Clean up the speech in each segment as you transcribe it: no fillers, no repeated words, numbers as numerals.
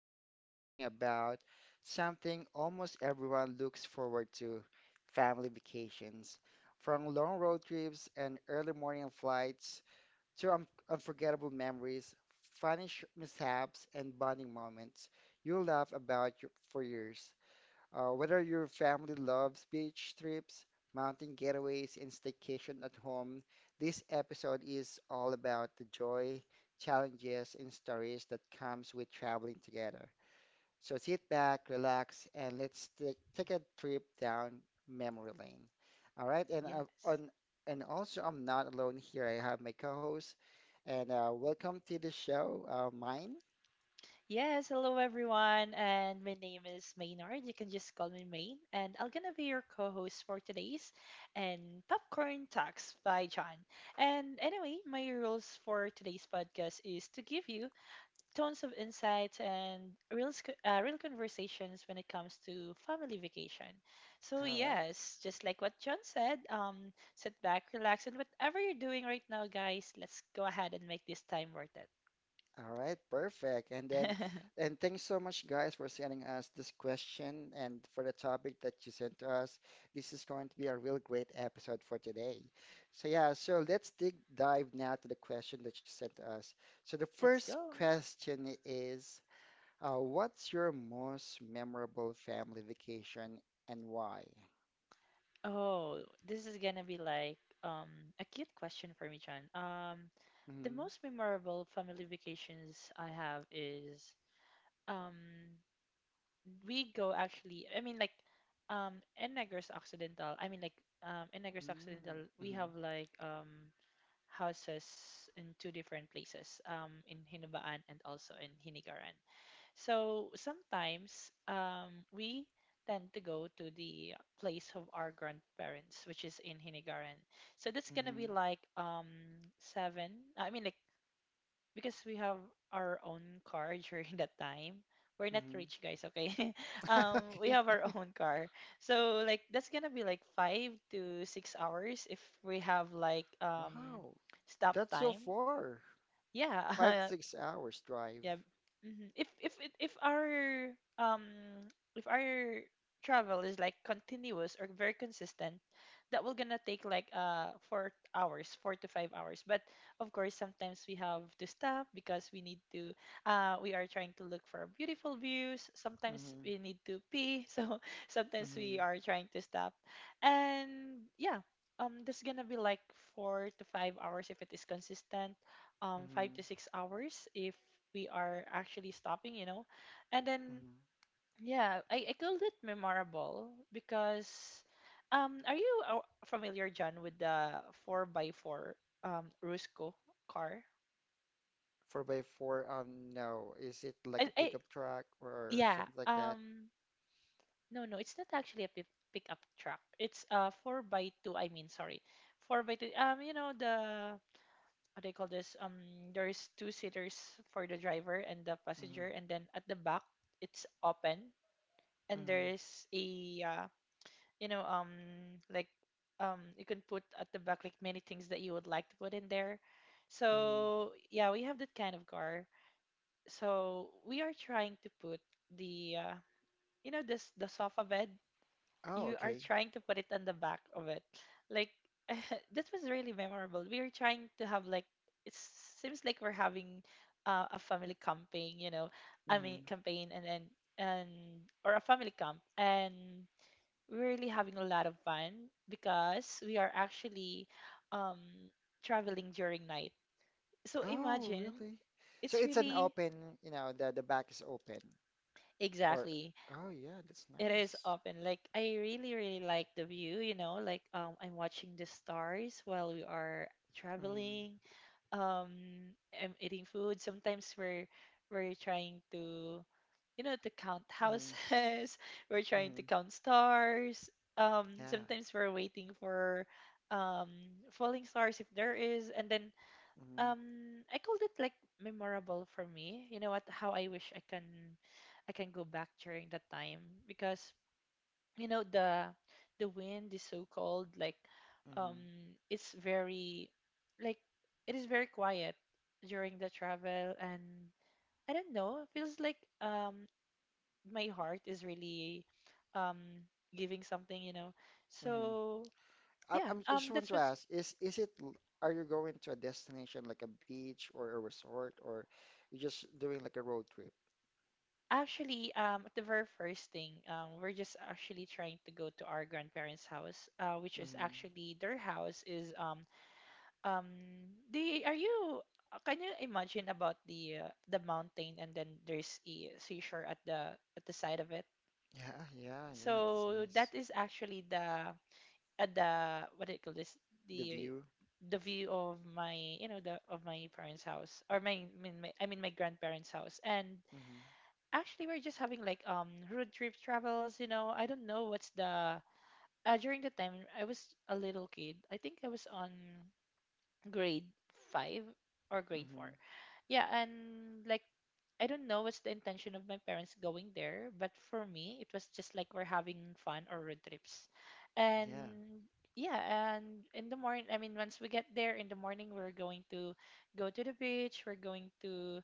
we're talking about something almost everyone looks forward to, family vacations. From long road trips and early morning flights to un unforgettable memories, funny sh mishaps, and bonding moments you'll laugh about for years. Whether your family loves beach trips, mountain getaways, and staycation at home, this episode is all about the joy, challenges, and stories that comes with traveling together. So sit back, relax, and let's take a trip down memory lane. All right, Yes. And also I'm not alone here. I have my co-host, and welcome to the show, mine. Yes, hello everyone, and my name is Maynard. You can just call me Main, and I'm gonna be your co-host for today's and Popcorn Talks by John. And anyway, my rules for today's podcast is to give you tons of insights and real conversations when it comes to family vacation. So All right. yes, just like what John said, sit back, relax, and whatever you're doing right now, guys, let's go ahead and make this time worth it. All right, perfect. And then, and thanks so much, guys, for sending us this question and for the topic that you sent to us. This is going to be a real great episode for today. So yeah, so let's dig dive now to the question that you sent to us. So the Let's first go. question is, what's your most memorable family vacation and why? Oh, this is gonna be like um a cute question for me, Chan. The Mm-hmm, most memorable family vacations I have is um we go actually. I mean like in Negros Occidental. I mean like in Negros Occidental we have like houses in two different places. In Hinubaan and also in Hinigaran. So sometimes we tend to go to the place of our grandparents, which is in Hinigaran. So that's gonna mm-hmm, be like seven. I mean, like, because we have our own car during that time. We're mm-hmm, not mm-hmm. rich guys, okay? We have our Okay. own car, so like that's gonna be like 5 to 6 hours if we have like Wow, stop that's so time. far. five to Yeah, six hours drive. Yeah. Mhm. If our travel is like continuous or very consistent, that will gonna take like 4 hours, 4 to 5 hours. But of course, sometimes we have to stop because we need to we are trying to look for beautiful views. Sometimes Mm-hmm. we need to pee, so sometimes we Mm-hmm. are trying to stop, and yeah. That's gonna be like 4 to 5 hours if it is consistent, um, five Mm-hmm. to six hours if we are actually stopping, you know, and then Mm-hmm. yeah. I called it memorable because are you familiar, John, with the four by four rusco car? Four by four, no. Is it like I, a I pickup truck or yeah something like that? um no, no, it's not actually a pickup truck. It's a four by two. I mean sorry, four by two. You know the what do you call this? There's two seaters for the driver and the Mm-hmm. passenger, and then at the back it's open, and there Mm-hmm. is a uh, you know um like you can put at the back like many things that you would like to put in there. Mm-hmm. So yeah, we have that kind of car. So we are trying to put the this the sofa bed Oh, you are okay. trying to put it on the back of it. Like that was really memorable. We were trying to have like it seems like we're having a family camping, you know. I mean Mm-hmm. campaign and or a family camp, and we're really having a lot of fun because we are actually um traveling during night. So Oh, imagine really? So it's it's an really open, you know, the back is open. Or exactly. oh yeah, that's It is nice. open. Like I really, really like the view, you know, like I'm watching the stars while we are Mm-hmm. traveling. Um, I'm eating food. Sometimes we're trying to, you know, to count Mm-hmm. houses, we're trying to Mm-hmm. count stars. Um, Yeah. sometimes we're waiting for um falling stars if there is, and then um I called it like memorable for me. You know what, how I wish I can go back during that time because you know the wind is so cold like Mm-hmm. um it's very like it is very quiet during the travel, and I don't know, it feels like my heart is really um giving something, you know, Mm-hmm. so I, yeah, I'm, I just want that's to what's ask, are you going to a destination like a beach or a resort or you just doing like a road trip? actually. The very first thing, we're just actually trying to go to our grandparents house, which is Hmm. actually their house is um the are you can you imagine about the mountain, and then there's a seashore at the side of it. Yeah, yeah, yeah, that's So that nice. is actually the at the what do you call this, The the view. the view of my, you know, the of my parents house, or my, I mean my I mean my grandparents house. And Hmm. actually we're just having like road trip travels, you know. I don't know what's the during the time I was a little kid. I think I was on grade five or grade Hmm. four. Yeah, and like I don't know what's the intention of my parents going there, but for me it was just like we're having fun or road trips. Yeah. And yeah, and in the morning, I mean, once we get there in the morning, we're going to go to the beach, we're going to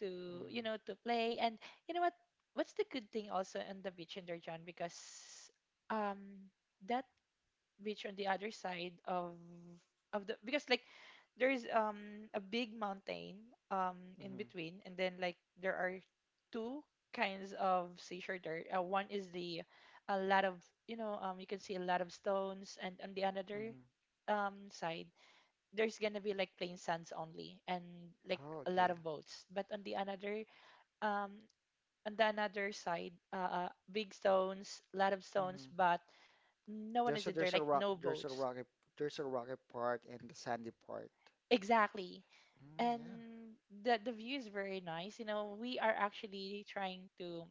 to you Hmm. know, to play. And you know what what's the good thing also on the beach in there, John, because um that beach on the other side of the, because like there's a big mountain in Hmm. between, and then like there are two kinds of seashore there. One is the a lot of, you know, you can see a lot of stones, and on the another Hmm. Side there's gonna be like plain sands only and like Oh, a lot okay. of boats. But um on the another side big stones, a lot of stones, Hmm. but no one There's is a in there, there's a like rock no there's a boats. rocky there's a rocky part and the sandy part. Exactly. Mm. And the view is very nice. You know, we are actually trying to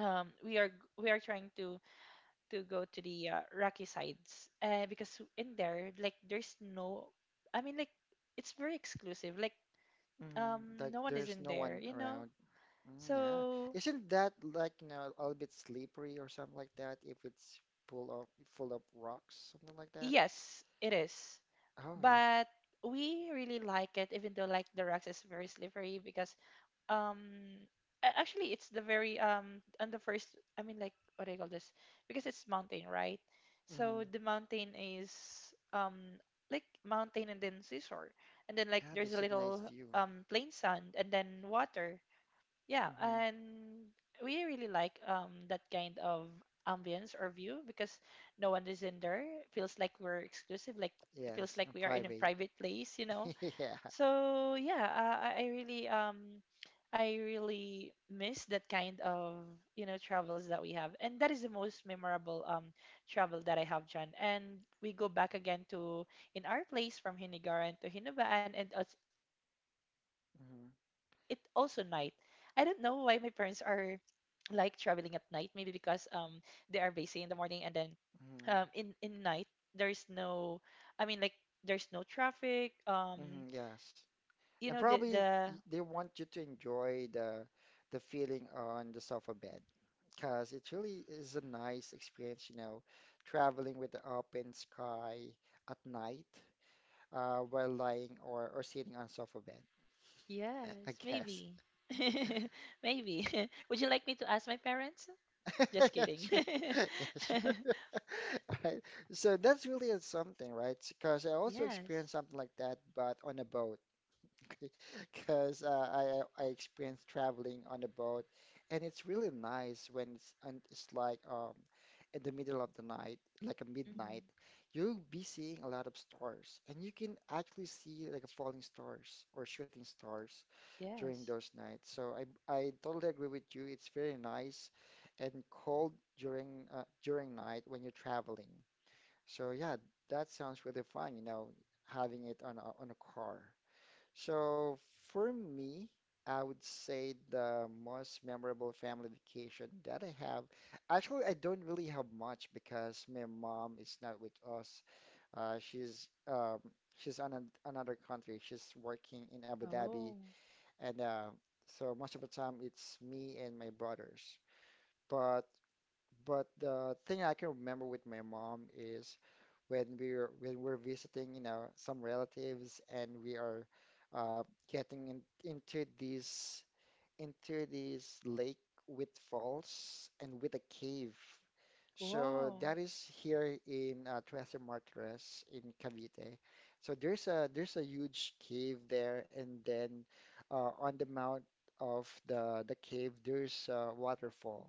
we are trying to go to the rocky sides. Uh, because in there like there's no, I mean like it's very exclusive. Like Mm, like no one is there's in no one there, you know. around. Mm, yeah. So Isn't that like, you know, a little bit slippery or something like that if it's full of full of rocks, something like that? yes, it is. Oh yeah. But we really like it even though like the rocks is very slippery because um a- actually it's the very on the first, I mean, like, what do you call this, because it's mountain, right? So Hmm. the mountain is um like mountain, and then seashore, and then like Yeah, there's a that's a nice little view. Plain sand, and then water, yeah. Hmm. And we really like that kind of ambience or view, because no one is in there. It feels like we're exclusive, like it feels Yes, like and we are in a private. private place, you know. Yeah. So yeah, I really miss that kind of, you know, travels that we have, and that is the most memorable travel that I have done. And we go back again to in our place from Hinigaran to Hinabaan, and it's it also night. I Hmm. don't know why my parents are like traveling at night. Maybe because they are busy in the morning, and then Hmm. in night there's no, I mean like there's no traffic. Um, Hmm. Yes. you know And the probably the. They want you to enjoy the feeling on the sofa bed because it really is a nice experience, you know, traveling with the open sky at night while lying or sitting on sofa bed, I Yes, guess. maybe. Maybe. Would you like me to ask my parents? Just Yeah, kidding. sure. Yeah, sure. All right. So that's really a something, right? Because I also Yes. experienced something like that, but on a boat. Because I experienced traveling on a boat, and it's really nice when it's and it's like in the middle of the night, like a midnight, Hmm. you'll be seeing a lot of stars, and you can actually see like a falling stars or shooting stars during Yes. those nights. So I totally agree with you. It's very nice and cold during during night when you're traveling. So yeah, that sounds really fun, you know, having it on a car. So for me, I would say the most memorable family vacation that I have. Actually, I don't really have much because my mom is not with us. She's she's on an another country. She's working in Abu Dhabi, Oh. and so most of the time it's me and my brothers. But the thing I can remember with my mom is when we're visiting, you know, some relatives and we are uh, getting into these into this lake with falls and with a cave. So Wow. that is here in Tres Martires in Cavite. So there's a huge cave there, and then on the mount of the cave there's a waterfall,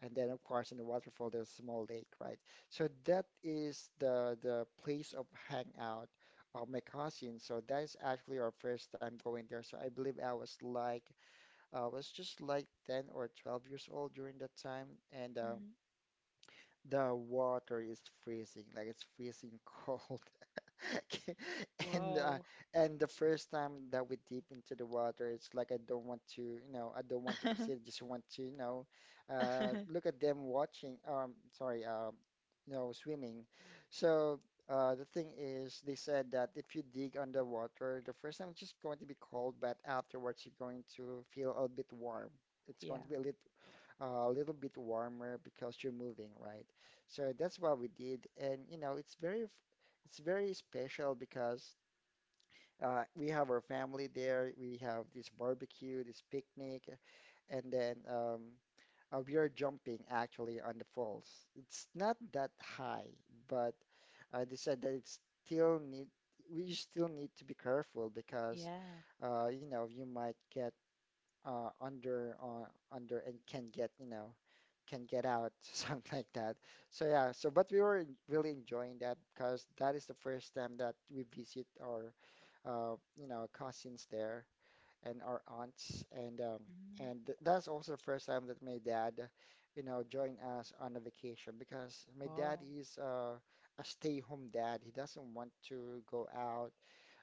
and then of course in the waterfall there's a small lake, right? So that is the place of hangout of my cousin. So that is actually our first time going there. So I believe I was just like 10 or 12 years old during that time, and Hmm. the water is freezing, like it's freezing cold. And Wow. The first time that we dip into the water, it's like I don't want to, you know, I don't want to proceed. I just want to, you know, look at them watching. Sorry, you know, swimming. So the thing is, they said that if you dig underwater, the first time it's just going to be cold, but afterwards you're going to feel a bit warm. It's going Yeah. to be a little bit warmer because you're moving, right? So that's what we did, and you know, it's it's very special because we have our family there. We have this barbecue, this picnic, and then we are jumping actually on the falls. It's not that high, but I decided that it's still need we still need to be careful because Yeah. You know you might get under and can get out, something like that. So yeah, so but we were really enjoying that because that is the first time that we visit our, cousins there and our aunts, and um, Hmm. and th- that's also the first time that my dad, you know, joined us on a vacation because my dad Wow. is a stay-home dad. He doesn't want to go out.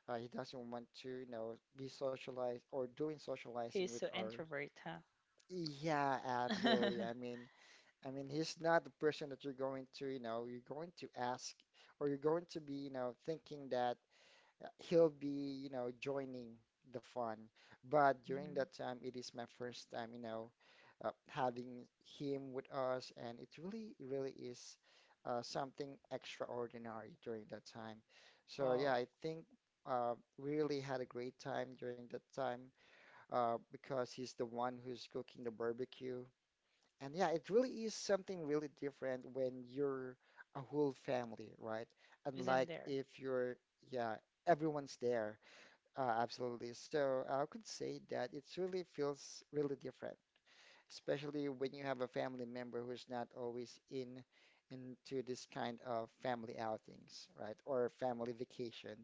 He doesn't want to, you know, be socialized or doing socializing He's with so our. introvert, huh? Yeah, absolutely. I mean, he's not the person that you're going to, you know, you're going to ask or you're going to be, you know, thinking that he'll be, you know, joining the fun. But during Hmm. that time, it is my first time, you know, having him with us, and it really, really is something extraordinary during that time. So yeah, Wow. I think we really had a great time during that time because he's the one who's cooking the barbecue. And yeah, it really is something really different when you're a whole family, right? Isn't Unlike there? if you're, yeah, everyone's there. Absolutely. So I could say that it really feels really different, especially when you have a family member who's not always in into this kind of family outings, right? Or family vacation.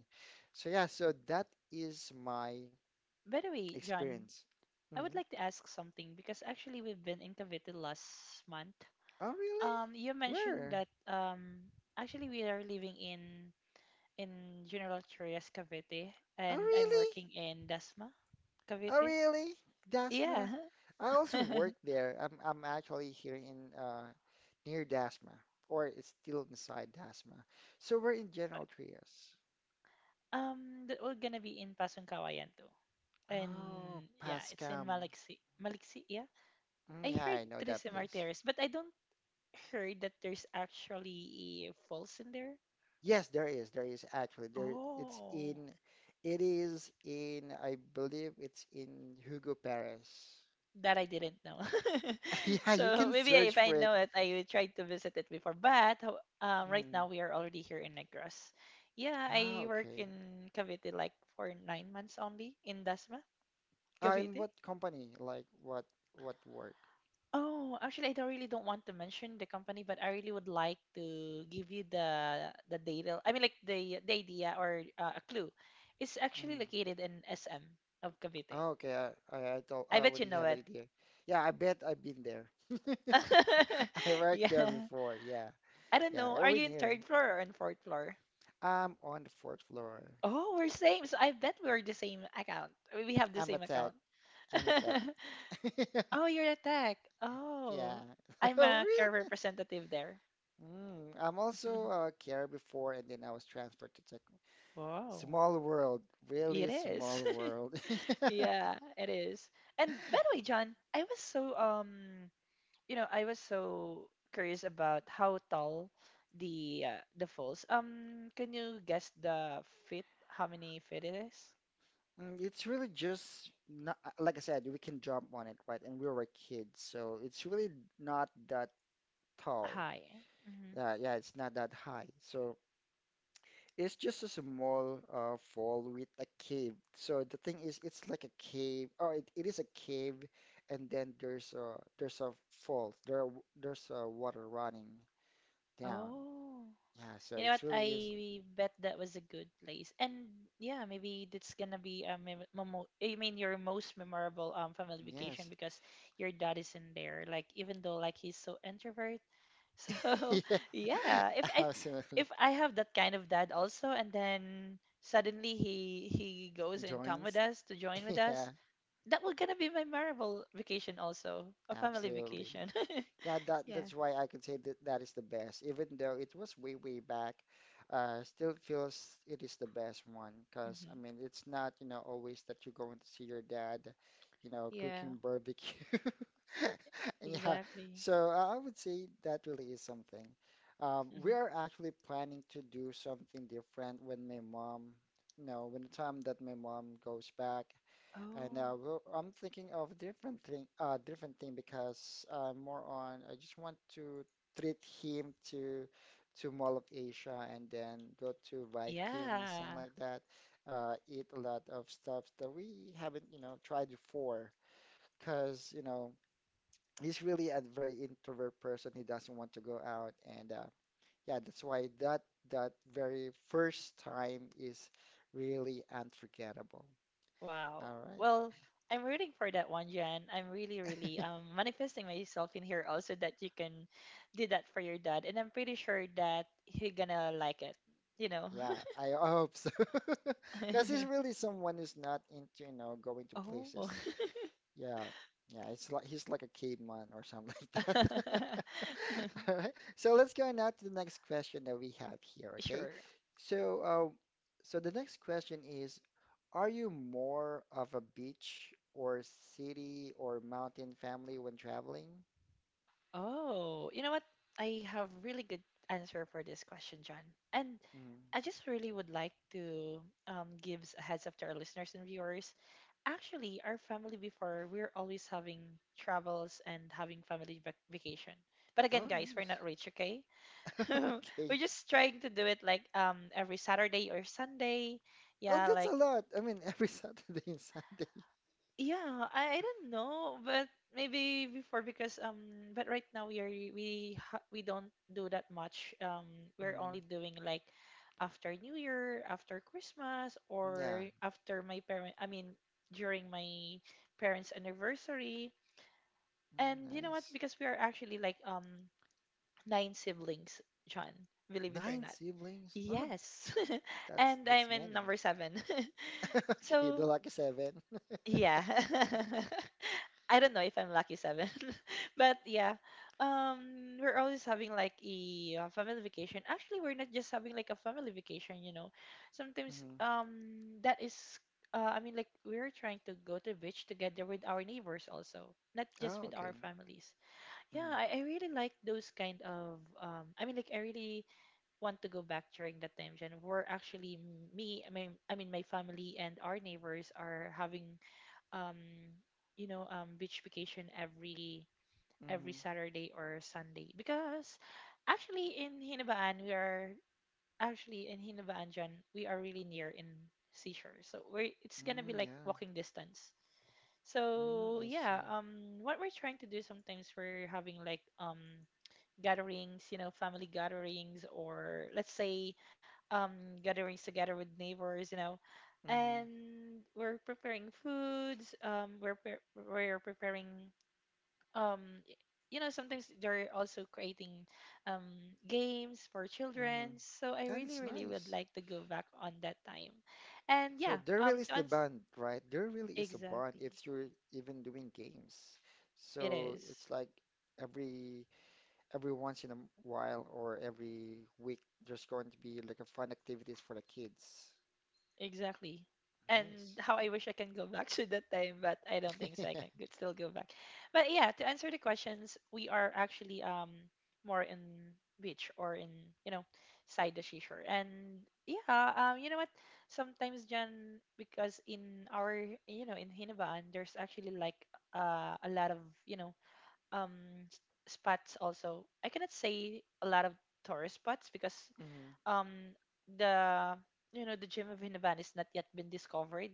So yeah, so that is my By the way, John, experience. I would Mhm. like to ask something because actually we've been in Cavite last month. Oh, really? You mentioned that Where? Actually we are living in General Trias, Cavite, Oh, and I'm really? working in Dasma, Oh, Cavite. really? Yeah, Dasma? I also work there. I'm actually here in near Dasma, or it's still inside Dasma. So we're in General Trias. That we're gonna be in Pasong Kawayan too, Oh, and yeah, it's in Pascam. Maliksi. Yeah, Mm, I yeah, I heard know that Trisay place. Martires, but I don't heard that there's actually a falls in there. Yes, there is. There is actually there. It's Oh. in. It is in. I believe it's in Hugo Perez. That I didn't know. Yeah, you So can maybe search if I for it. know it, I will try to visit it before. But right Mm. now we are already here in Negros. Yeah, Ah, I work okay. in Cavite like for 9 months only in Dasma, In Cavite. what company? Like what work? Oh, actually, I don't really don't want to mention the company, but I really would like to give you the data. I mean, like, the idea or a clue. It's actually Mm. located in SM of Cavite. Oh, okay, I, don't, I I bet you already know have an it. idea. Yeah, I bet I've been there. I worked there Yeah. before. Yeah, I don't yeah, know. Are over you in here. third floor or in fourth floor? I'm on the fourth floor. Oh, we're same. So I bet we're the same account. We have the I'm a same tech. account. I'm a tech. Oh, you're a tech. Yeah. Oh, I'm Oh, a care really? representative there. Mm, I'm also a carer before, and then I was transferred to tech. Wow, Small world, it really is. small world. Yeah, it is. And by the way, John, I was so you know, I was so curious about how tall the falls. Can you guess the feet? How many feet it is? Mm, it's really just not, like I said, we can jump on it, right? And we were kids, so it's really not that tall. High. Yeah, yeah, it's not that high. So it's just a small fall with a cave. So the thing is, it's like a cave. Oh, it is a cave, and then there's a fall. There's water running down. Oh. Yeah, so You know it's what? really is. I bet that was a good place. And yeah, maybe that's gonna be a mem memo I mean your most memorable family Yes. vacation because your dad is in there. Like even though like he's so introvert. So Yeah, yeah, if I absolutely. if I have that kind of dad also, and then suddenly he goes and come with Joins. us to join with us, Yeah, that will gonna be my memorable vacation also. A family absolutely. vacation. Yeah, that's why I can say that is the best. Even though it was way, way back, still feels it is the best one. Cause Hmm. I mean, it's not, you know, always that you're going to see your dad, you know, Yeah, cooking barbecue. And yeah, exactly. so I would say that really is something. We are actually planning to do something different when my mom, you know, when the time that my mom goes back. And Oh. Well, I'm thinking of different thing because I'm more on. I just want to treat him to Mall of Asia and then go to Vikings, something Yeah. like that. Eat a lot of stuff that we haven't, you know, tried before. Because, you know, he's really a very introvert person. He doesn't want to go out, and yeah, that's why that that very first time is really unforgettable. Wow. All right. Well, I'm rooting for that one, Jan. I'm really, really manifesting myself in here also that you can do that for your dad, and I'm pretty sure that he gonna like it. You know. Yeah, I hope so. Because he's really someone who's not into, you know, going to places. Oh. Yeah, yeah, it's like he's like a caveman or something like that. All right, so let's go now to the next question that we have here, okay? Sure. So, uh, so the next question is, are you more of a beach or city or mountain family when traveling? Oh, you know what? I have really good answer for this question, John. And Mm. I just really would like to give a heads up to our listeners and viewers. Actually, our family before, we're always having travels and having family vacation. But again, Oh, guys, we're not nice. rich, okay? Okay. We're just trying to do it like every Saturday or Sunday. Oh, Yeah, that's a like lot. I mean, every Saturday and Sunday. yeah, I don't know, but maybe before because but right now we don't do that much. We're Mm, only doing like after New Year, after Christmas yeah. or after my parent I mean during my parents' anniversary. Mm, And you know what? nice. Because we are actually like nine siblings, John, believe it or Nine not. siblings? Well, Yes. that's And that's I'm in many. number seven. Okay, the So lucky seven. yeah. I don't know if I'm lucky seven. But yeah. We're always having like a family vacation. Actually, we're not just having like a family vacation, you know. Sometimes Mm-hmm. That is I mean, like we're trying to go to the beach together with our neighbors also, not just Oh, with okay. our families. Yeah, Mm-hmm. I really like those kind of I really want to go back during that time, Jen. We're actually me, I mean my family and our neighbors are having um you know beach vacation every Mm-hmm. Saturday or Sunday because actually in Hinabaan we are actually in Hinabaan, Jen, we are really near in seashore. So we're it's gonna be Mm, like yeah. walking distance. Mm, So I yeah, see. What we're trying to do sometimes we're having like gatherings, you know, family gatherings, or let's say um, gatherings together with neighbors, you know. Mm-hmm. And we're preparing foods, we're preparing, um, y- you know, sometimes they're also creating um, games for children. Mm-hmm. So I That really, is really would nice. like to go back on that time. And So yeah, there really is the bond, right? There really is a bond exactly, if you're even doing games. it So is. it's like every every once in a while or every week there's going to be like a fun activities for the kids. Exactly. Nice. And how I wish I can go back to that time, but I don't think so. I can could still go back. But yeah, to answer the questions, we are actually more in beach or in you know side the seashore. And yeah, you know what? Sometimes Jan, because in our you know in Hinabaan, there's actually like a lot of you know um s- spots also. I cannot say a lot of tourist spots because Yeah. um the you know the gem of Hinavan is not yet been discovered.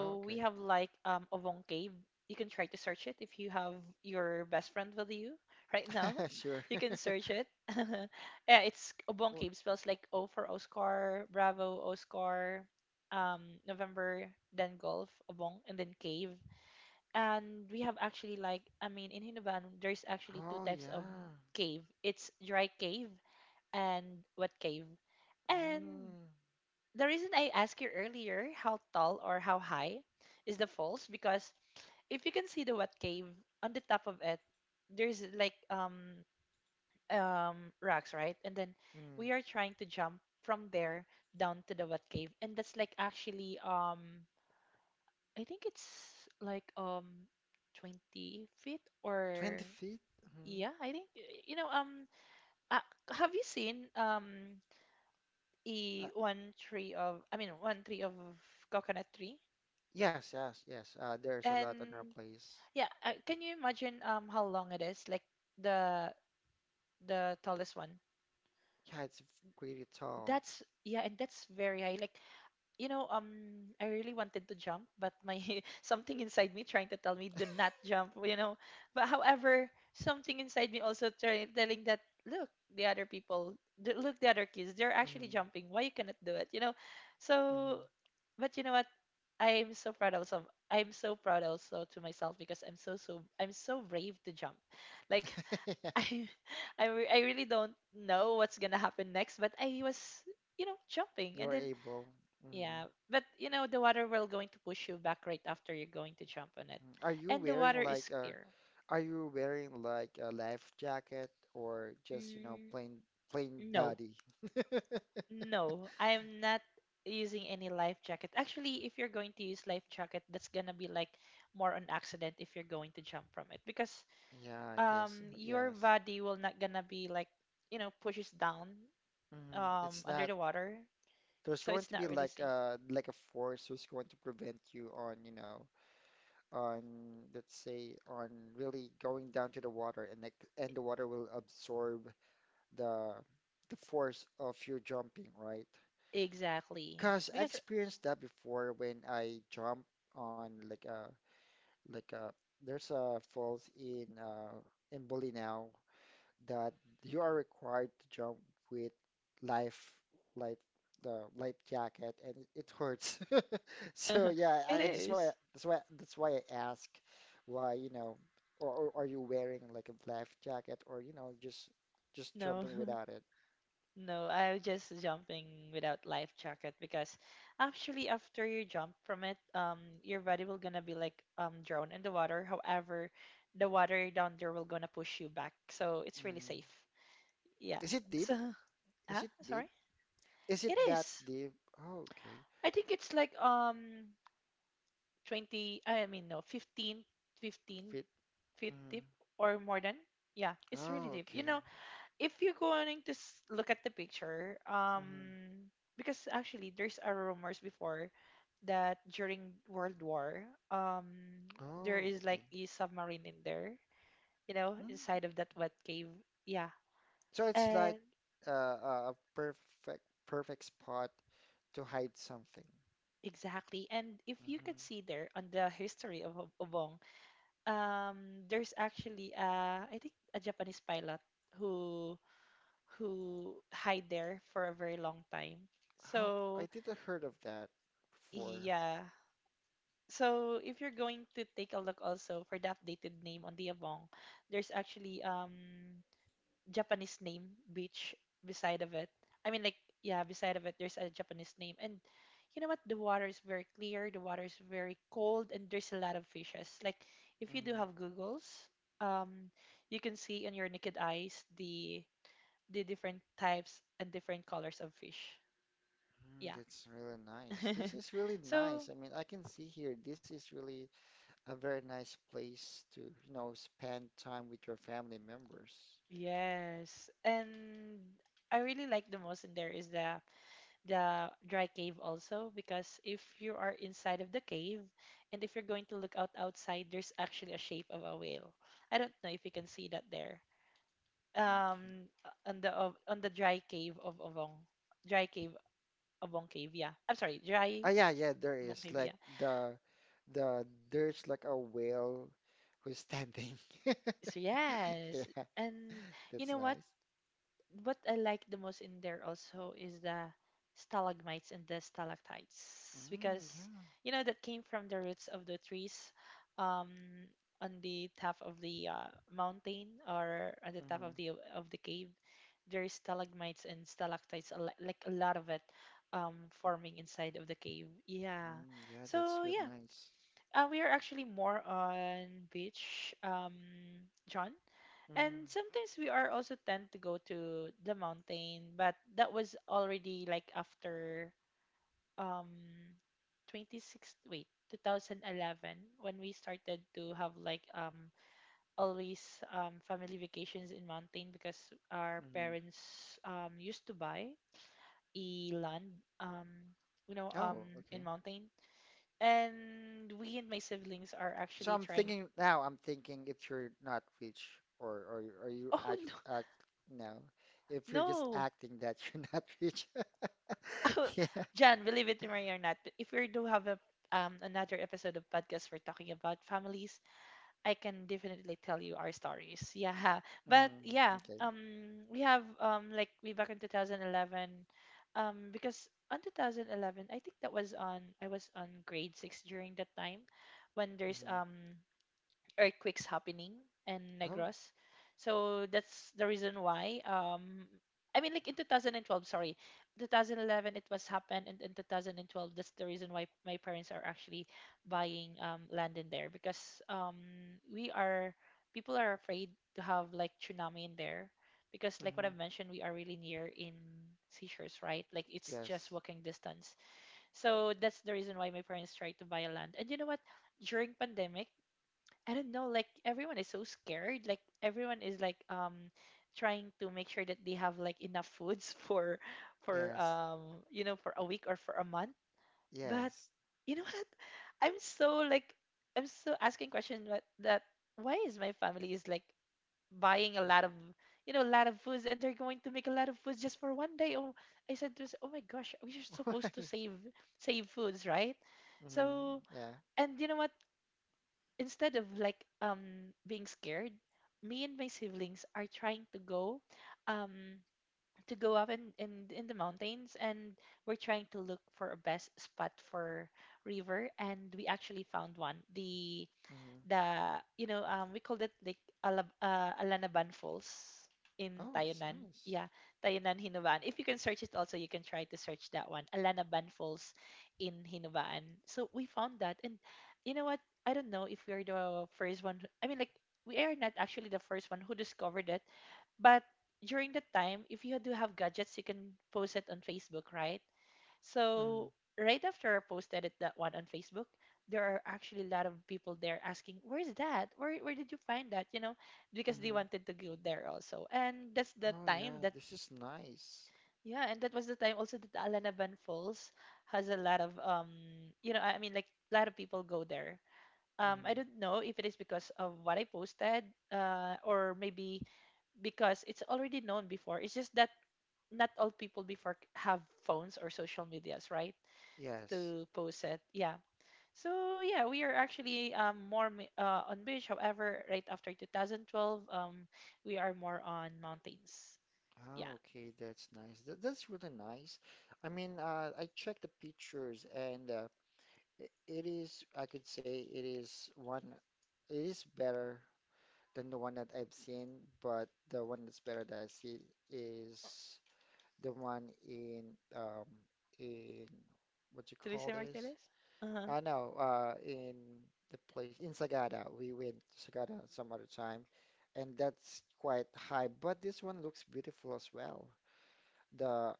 Oh, we have like Ovong Cave. You can try to search it if you have your best friend with you right now. okay. Sure. You can search it. Yeah, it's Obong Oh, Cave, spells like O for Oscar, Bravo, Oscar, November, then Golf, Obong, and then Cave. And we have actually like I mean in Hinavan there's actually two oh types of yeah. cave. It's dry cave and wet cave. And Mm, the reason I asked you earlier how tall or how high is the falls because if you can see the wet cave on the top of it, there's like rocks, right? And then mm. we are trying to jump from there down to the wet cave, and that's like actually I think it's like 20 feet or 20 feet? Hmm. yeah, I think you know uh, have you seen Uh, E one tree of I mean one tree of coconut tree. yes, yes, yes. There's a lot on our And place. yeah, can you imagine how long it is? Like the the tallest one. Yeah, it's pretty tall. That's yeah, and that's very high. Like you know, I really wanted to jump, but my something inside me trying to tell me do not jump. You know, but however, something inside me also try, telling that look the other people, look the other kids, they're actually Hmm. jumping. Why you cannot do it? You know, so Hmm. but you know what? I'm so proud also. I'm so proud also to myself because I'm so brave to jump. Like I I really don't know what's gonna happen next, but I was you know jumping and You're then able. Hmm. yeah, but you know the water will going to push you back right after you're going to jump on it, Are you and the wearing water is like clear. are you wearing like a life jacket or just, you know, Mm, plain plain no, body? no, I'm not using any life jacket. Actually, if you're going to use life jacket, that's gonna be like more on accident if you're going to jump from it because Yeah, I guess so. Your Yes. body will not gonna be like you know pushes down Hmm. It's under not the water, there's so going it's to not be really like safe a force who's going to prevent you on, you know, on let's say on really going down to the water and like and the water will absorb the the force of your jumping, right? exactly Cause I because experienced that before when I jump on like a there's a falls in Bolinao that you are required to jump with life life the life jacket and it hurts. So yeah, it I just why is. that's why I ask why, you know, or are you wearing like a life jacket or you know just No, jumping without it? no, I was just jumping without life jacket because actually after you jump from it, your body will gonna be like drowned in the water, however the water down there will gonna push you back, so it's really Mm. safe. Yeah. Is it deep? So huh, Is it deep? sorry, Is it it that is. deep? Oh, okay. I think it's like 20, I mean no, 15, fifteen Fit. feet Mm. deep or more than, yeah, it's really Oh, deep, you okay. know. If you're going to look at the picture, Hmm. because actually there's a rumors before that during world war, um there Oh, is okay. like a submarine in there, you know Mm. inside of that wet cave. Yeah. So it's like And a a perfect spot to hide something. exactly, and if you could Hmm. see there on the history of Obong, there's actually I think a Japanese pilot who who hide there for a very long time. How I So didn't heard of that before. yeah. So if you're going to take a look also for the updated name on the Abong, there's actually Japanese name beach beside of it. I mean, like yeah, beside of it there's a Japanese name, and you know what? The water is very clear. The water is very cold, and there's a lot of fishes. Like if you do Hmm. have Google's, um, you can see on your naked eyes the different types and different colors of fish. Mm, Yeah. that's really nice. This is really So nice. I mean, I can see here this is really a very nice place to, you know, spend time with your family members. yes, and I really like the most in there is the dry cave also because if you are inside of the cave and if you're going to look out outside, there's actually a shape of a whale. I don't know if you can see that there Okay. On the of on the dry cave of Obong, dry cave, Obong cave, yeah, I'm sorry, dry Ah, yeah, yeah, there Obong is cave. like Yeah. the the there's like a whale who's standing. So yes, Yeah, and you that's know what nice. what I like the most in there also is the stalagmites and the stalactites, Mm, because yeah. you know that came from the roots of the trees, um, on the top of the mountain or at the top Mm-hmm. Of the cave. There is stalagmites and stalactites, a like a lot of it, um, forming inside of the cave. Yeah. Mm, yeah, So that's really yeah, nice. We are actually more on beach, John. Mm, And sometimes we are also tend to go to the mountain, but that was already like after um 26 wait 2011 when we started to have like always family vacations in mountain because our mm-hmm. parents used to buy a land um you know Oh, in okay. mountain, and we and my siblings are So actually I'm trying thinking now, I'm thinking if you're not rich or you oh act no, act no, if you're just no. acting that you're not rich. Yeah. Jan, believe it or not, if we do have a another episode of podcast we're talking about families, I can definitely tell you our stories. Yeah, but Mm, yeah, okay. We have like we back in 2011, because on 2011 I think that was on I was on grade six during that time when there's Mm-hmm. Earthquakes happening in Oh. Negros. So that's the reason why. I mean, like in 2012, sorry, 2011 it was happened, and in 2012 that's the reason why my parents are actually buying land in there because we are people are afraid to have like tsunami in there because like what I've Mm-hmm. mentioned, we are really near in seashores, right? Like it's Yes. just walking distance. So that's the reason why my parents tried to buy a land. And you know what? During pandemic I don't know, like everyone is so scared. Like everyone is like trying to make sure that they have like enough foods for for Yes. um you know for a week or for a month. But Yes. you know what? I'm so like I'm so asking question that that why is my family is like buying a No. lot of you know a lot of foods and they're going to make a lot of foods just for one day. Oh, I said to myself, oh my gosh, we are supposed to Why? Save foods, right? Mm-hmm. So Yeah. and you know what? Instead of like being scared, me and my siblings are trying um to go up in the mountains, and we're trying to look for a best spot for river, and we actually found one. The Mm-hmm. We called it like Alanaban Falls in Oh, it's Tayunan. nice. Yeah, Tayunan Hinubaan. If you can search it also, you can try to search that one. Alanaban Falls in Hinubaan. So we found that and you know what? I don't know if we're the first one. We are not actually the first one who discovered it, but during that time, if you do have gadgets, you can post it on Facebook, right? Mm-hmm. So right after I posted it that one on Facebook, there are actually a lot of people there asking, "Where's that? Where did you find that?" You know, because they Hmm. wanted to go there also. And that's the Oh time yeah, that this is nice. yeah, and that was the time also that Alanaban Falls has a lot of you know, I mean like a lot of people go there. I Hmm. don't know if it is because of what I posted, or maybe because it's already known before. It's just that not all people before have phones or social medias, right? Yes. To post it. Yeah. So yeah, we are actually more on beach. However, right after 2012, um, we are more on mountains. Ah, Yeah. okay, that's nice. That's really nice. I mean, I checked the pictures and I- it is, I could say it is one, it is better than the one that I've seen, but the one that's better that I see is the one um, in, what you call Teresa this? Martinez? Uh-huh. I know, in the place in Sagada, we went to Sagada some other time, and that's quite high. But this one looks beautiful as well. The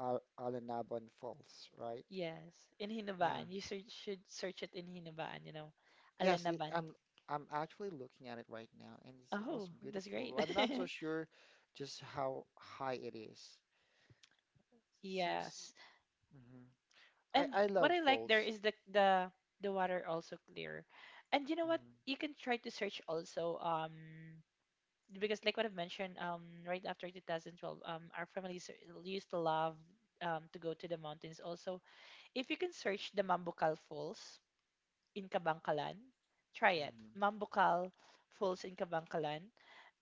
Al Alanaban Falls, right? Yes. In Yeah. Hinabaan. You search, should search it in Hinabaan, you know. Yes, it, Alanaban. I'm actually looking at it right now, and it's Oh, also that's great. beautiful. I'm not so sure just how high it is. Seems. Yes. Hmm. And I what love I like there falls. is the water also clear. And you know what? Hmm. You can try to search also because like what I've mentioned, right after 2012, our families are- used to love to go to the mountains. Also, if you can search the Mambucal Falls in Kabangkalan, try it. Hmm. Mambucal Falls in Kabangkalan,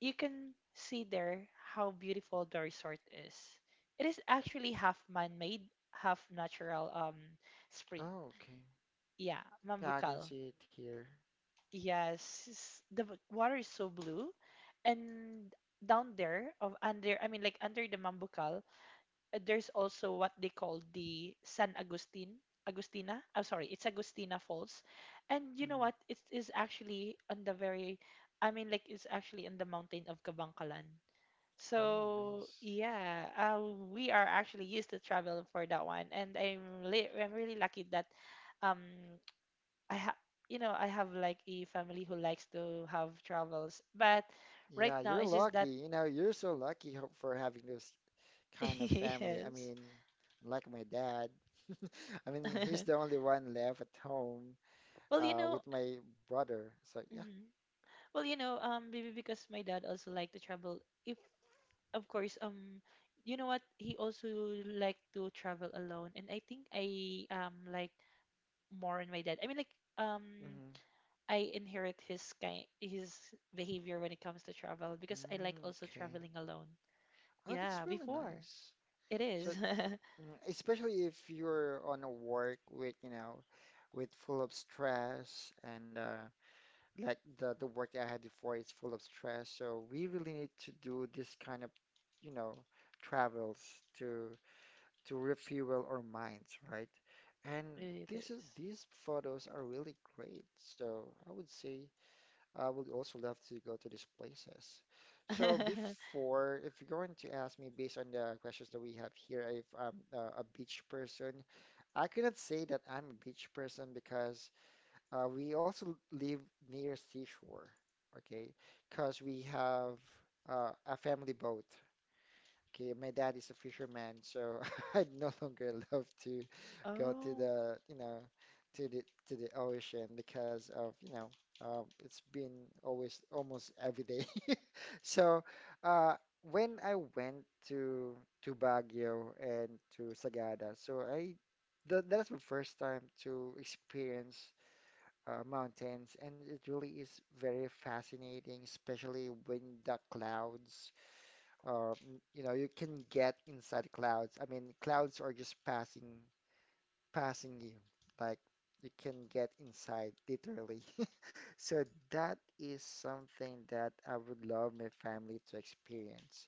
you can see there how beautiful the resort is. It is actually half man-made, half natural spring. Oh, okay. Yeah, Yeah, I can Mambucal. see it here. Yes, s- the w- water is so blue, and down there of under, I mean, like under the Mambucal, there's also what they call the San Agustin, Agustina. I'm sorry, it's Agustina Falls, and you know Hmm. what? It is actually on the very, I mean, like it's actually in the mountain of Kabangkalan. Oh, So nice. yeah, we are actually used to travel for that one, and I'm really lucky that um I have I have like a family who likes to have travels, but right Yeah, now you're it's just lucky. that You know, you're so lucky ho- for having this kind of family. I yes. mean, like my dad. I mean, he's the only one left at home Well, you know, with my brother. So yeah. mhm. Well, you know, maybe because my dad also like to travel. If of course, you know what, he also like to travel alone, and I think I like more on my dad. I mean, like Hmm. I inherit his behavior when it comes to travel because I like Mm, also okay. traveling alone. Oh, Yeah, that's really before. nice. It So is. mm, especially if you're on a work with, you know, with full of stress and like the work that I had before is full of stress, so we really need to do this kind of, you know, travels to to refuel our minds, right? And Really, it this is is. these photos are really great. So I would say I would also love to go to these places. So before, if you're going to ask me based on the questions that we have here, if I'm a beach person, I cannot say that I'm a beach person because we also live near seashore, okay, because we have a family boat. Okay, my dad is a fisherman, so I no longer love to go to Oh, the, you know, to the to the ocean because of, you know, it's been always almost every day. So, uh, when I went to Baguio and to Sagada, so I that that's my first time to experience mountains, and it really is very fascinating, especially when the clouds, you know, you can get inside clouds. I mean, clouds are just passing, passing you. Like you can get inside, literally. So that is something that I would love my family to experience.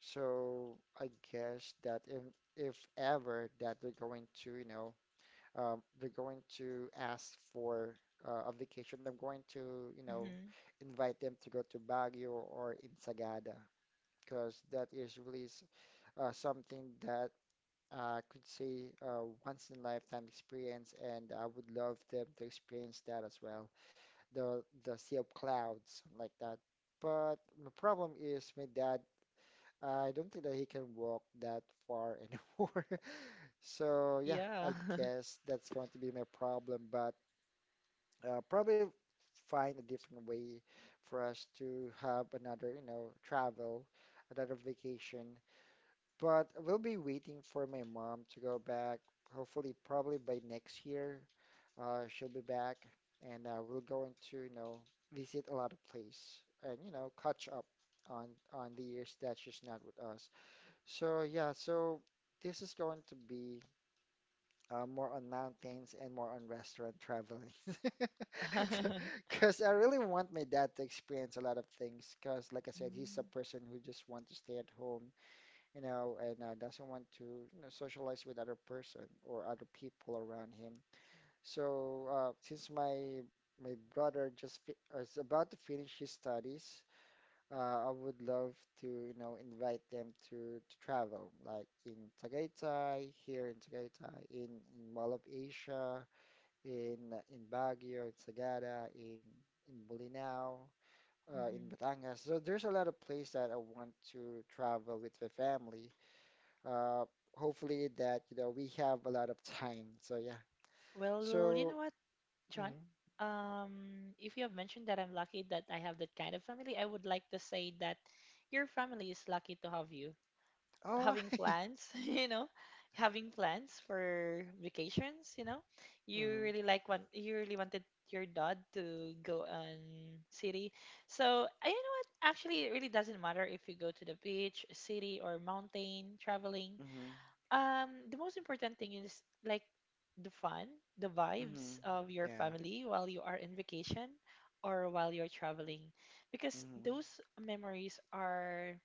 So I guess that if ever that they're going to, you know, they're going to ask for a vacation. I'm going to, you know, hmm, invite them to go to Baguio or in Sagada because that is really something that I could say once in a lifetime experience, and I would love them to experience that as well. The sea of clouds, something like that. But my problem is my dad. I don't think that he can walk that far anymore. So yeah, yeah. I guess that's going to be my problem. But probably find a different way for us to have another, you know, travel, another vacation. But we'll be waiting for my mom to go back. Hopefully, probably by next year, she'll be back, and we're going to, you know, visit a lot of place and, you know, catch up on on the years that she's not with us. So yeah, so this is going to be more on mountains and more on restaurant traveling. Because I really want my dad to experience a lot of things. Because, like I said, he's a person who just wants to stay at home, you know, and doesn't want to, you know, socialize with other person or other people around him. So, since my brother just fi is about to finish his studies, I would love to, you know, invite them to travel, like in Tagaytay, here in Tagaytay, in Mall of Asia, in Baguio, in Sagada, in Bolinao, in Mm-hmm. Batangas. So there's a lot of place that I want to travel with the family. Uh, hopefully that, you know, we have a lot of time. So yeah. Well, you So, know what, John? mm, If you have mentioned that I'm lucky that I have that kind of family, I would like to say that your family is lucky to have you. oh, Having plans, you know, having plans for vacations, you know. You mm-hmm, really like one. You really wanted your dad to go on city. So I, you know what? Actually it really doesn't matter if you go to the beach, city or mountain traveling. mm-hmm, The most important thing is like the fun, the mm-hmm, vibes of your yeah, family while you are in vacation or while you're traveling because mm-hmm, those memories are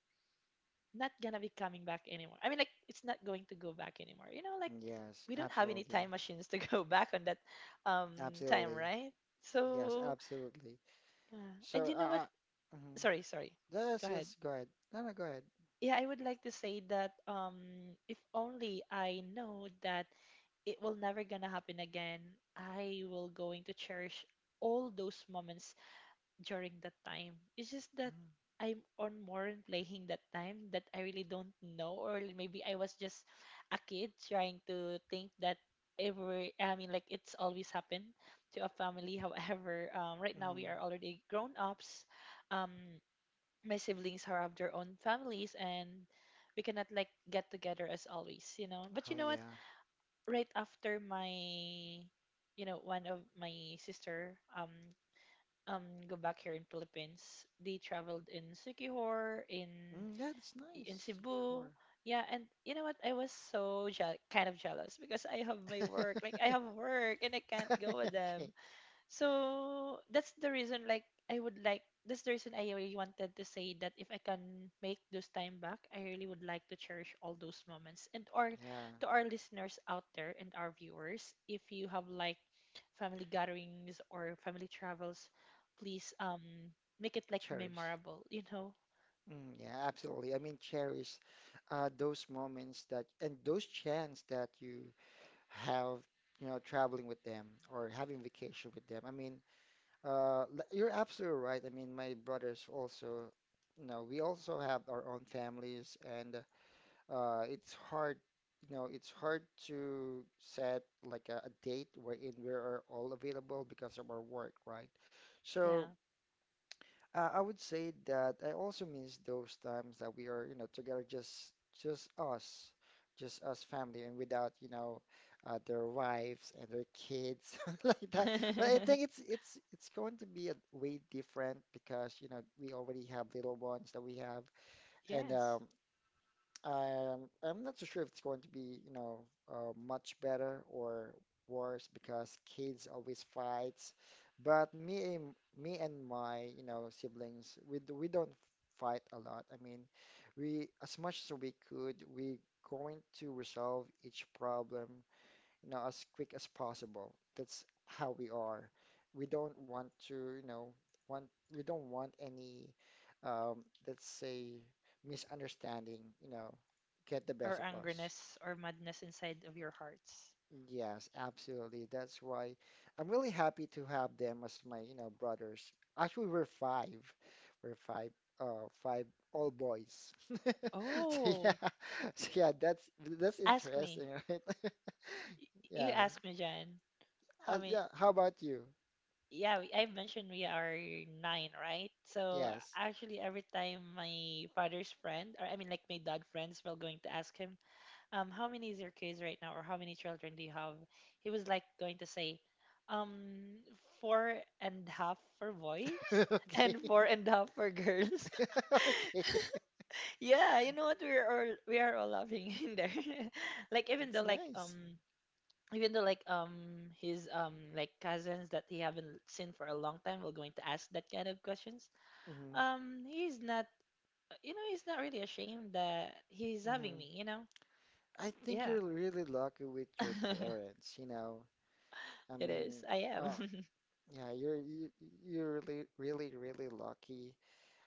not gonna be coming back anymore. I mean, like it's not going to go back anymore. You know, like yes, we don't have any absolutely. time machines to go back on that time, Absolutely. right? Yes, So absolutely. yeah. So, And you know what? uh, uh mhm. Sorry, sorry. Yes, Go ahead. yes, go ahead. No, no, go ahead. Yeah, I would like to say that if only I know that it will never gonna happen again, I will going to cherish all those moments during that time. It's just that I'm on more in playing that time that I really don't know, or maybe I was just a kid trying to think that every, I mean, like it's always happened to a family. However, right now Mm-hmm. we are already grown ups. Um, my siblings are of their own families, and we cannot like get together as always, you know. But you Oh, know what? yeah. Right after my one of my sister um go back here in Philippines. They traveled in Sikihor, Mm, yeah, that's in nice. Cebu. Secure. Yeah, and you know what? I was so kind of jealous because I have my work. Like I have work and I can't go with Okay. them. So that's the reason like I would like that's the reason I really wanted to say that if I can make those time back, I really would like to cherish all those moments. And or Yeah, to our listeners out there and our viewers, if you have like family gatherings or family travels, please make it like cherish. memorable, you know? Mm, yeah, absolutely. I mean, cherish those moments that and those chance that you have, you know, traveling with them or having vacation with them. I mean, Uh, l- you're absolutely right. I mean, my brothers also, you know, we also have our own families, and it's hard, you know, it's hard to set like a date wherein we are all available because of our work, right? Yeah. So, I would say that I also miss those times that we are, you know, together, just us, just us family, and without, you know, their wives and their kids like that. But I think it's going to be a way different because, you know, we already have little ones that we have, and Yes. I'm not so sure if it's going to be, you know, much better or worse because kids always fights. But me and my, you know, siblings, we d- we don't fight a lot. I mean, we as much as we could, we going to resolve each problem you know, as quick as possible. That's how we are. We don't want to, you know, want we don't want any, um, let's say, misunderstanding, you know, get the best Or of us. angerness or madness inside of your hearts. Yes, absolutely. That's why I'm really happy to have them as my, you know, brothers. Actually, we're five. We're five, all boys. So yeah, Oh, so yeah, that's ask me. interesting, right? You Yeah. ask me, Jan. How many? Yeah, how about you? Yeah, I've mentioned we are nine, right? So Yes. actually, every time my father's friend, or I mean, like my dad friends, were going to ask him, how many is your kids right now, or how many children do you have? He was like going to say, um, four and half for boys Okay. and four and half for girls. Okay. Yeah, you know what? We are all laughing in there. Like It's nice. Even though like his like cousins that he haven't seen for a long time will going to ask that kind of questions, Hmm. He's not you know, he's not really ashamed that he's having Hmm. me, you know. I think Yeah. you're really lucky with your parents, you know. I It mean, is, I am. oh, yeah, you're really lucky.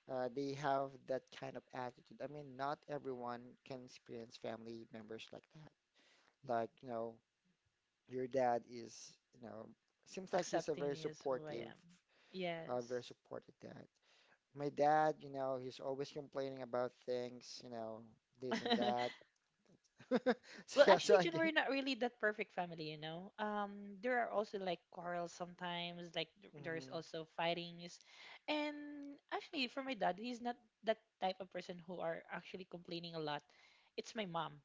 They have that kind of attitude. I mean, not everyone can experience family members like that. Like, you know, your dad is, you know, seems like he's Accepting me as who I am. Very Yes. supportive dad. My dad, you know, he's always complaining about things, you know, this and that. So Well, yeah, so actually, I Jun, guess. we're not really that perfect family, you know. There are also like quarrels sometimes, like there's Hmm. also fightings, and actually, for my dad, he's not that type of person who are actually complaining a lot. It's my mom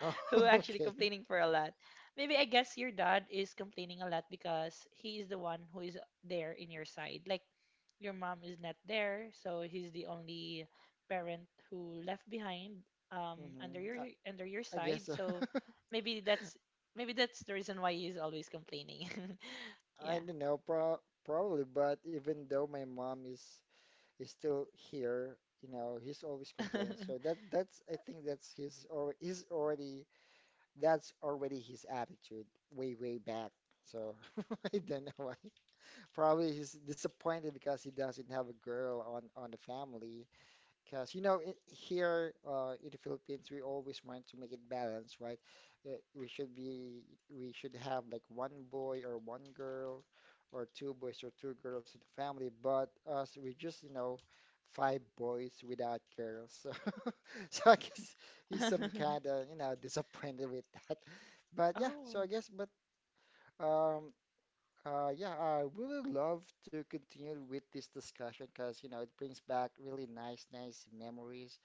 Oh, who actually okay. complaining for a lot. Maybe I guess your dad is complaining a lot because he is the one who is there in your side. Like your mom is not there, so he's the only parent who left behind um, Hmm. under your under your I side. guess so. So maybe that's maybe that's the reason why he's always complaining. I Yeah. don't know, probably, but even though my mom is still here, you know, he's always complaining. So that's I think that's his or he's already that's already his attitude way back. So I don't know why. Probably he's disappointed because he doesn't have a girl on the family. Because you know I here in the Philippines we always want to make it balanced, right? Uh, We should be we should have like one boy or one girl, or two boys or two girls in the family. But us we just you know five boys without girls. So so I guess he's some kind of you know disappointed with that. But yeah, so Oh, I guess but. Um, yeah, I really love to continue with this discussion because, you know, it brings back really nice, nice memories.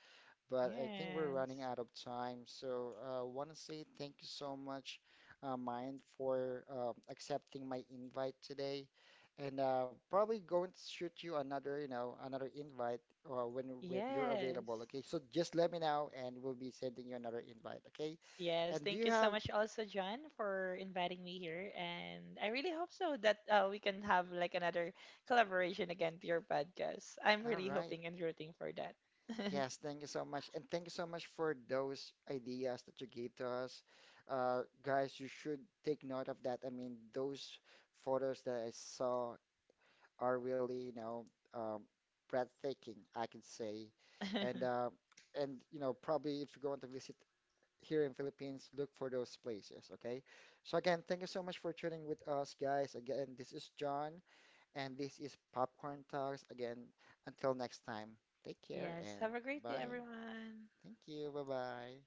But I think we're running yes, out of time. So I want to say thank you so much, Mind, for accepting my invite today. And probably going to shoot you another, you know, another invite when you're available. yes, Okay, so just let me know, and we'll be sending you another invite. Okay, yes. and do Thank you you so have? much, also John, for inviting me here, and I really hope so that we can have like another collaboration again to your podcast. I'm All really right. hoping and rooting for that. Yes, thank you so much. And thank you so much for those ideas that you gave to us. Guys, you should take note of that. I mean, those photos that I saw are really, you know, um, breathtaking, I can say. And you know, probably if you're going to visit here in Philippines, look for those places, okay? So again, thank you so much for tuning with us, guys. Again, this is John, and this is Popcorn Talks. Again, until next time, take care Yes. and Have a great day, bye. everyone. Thank you. Bye bye.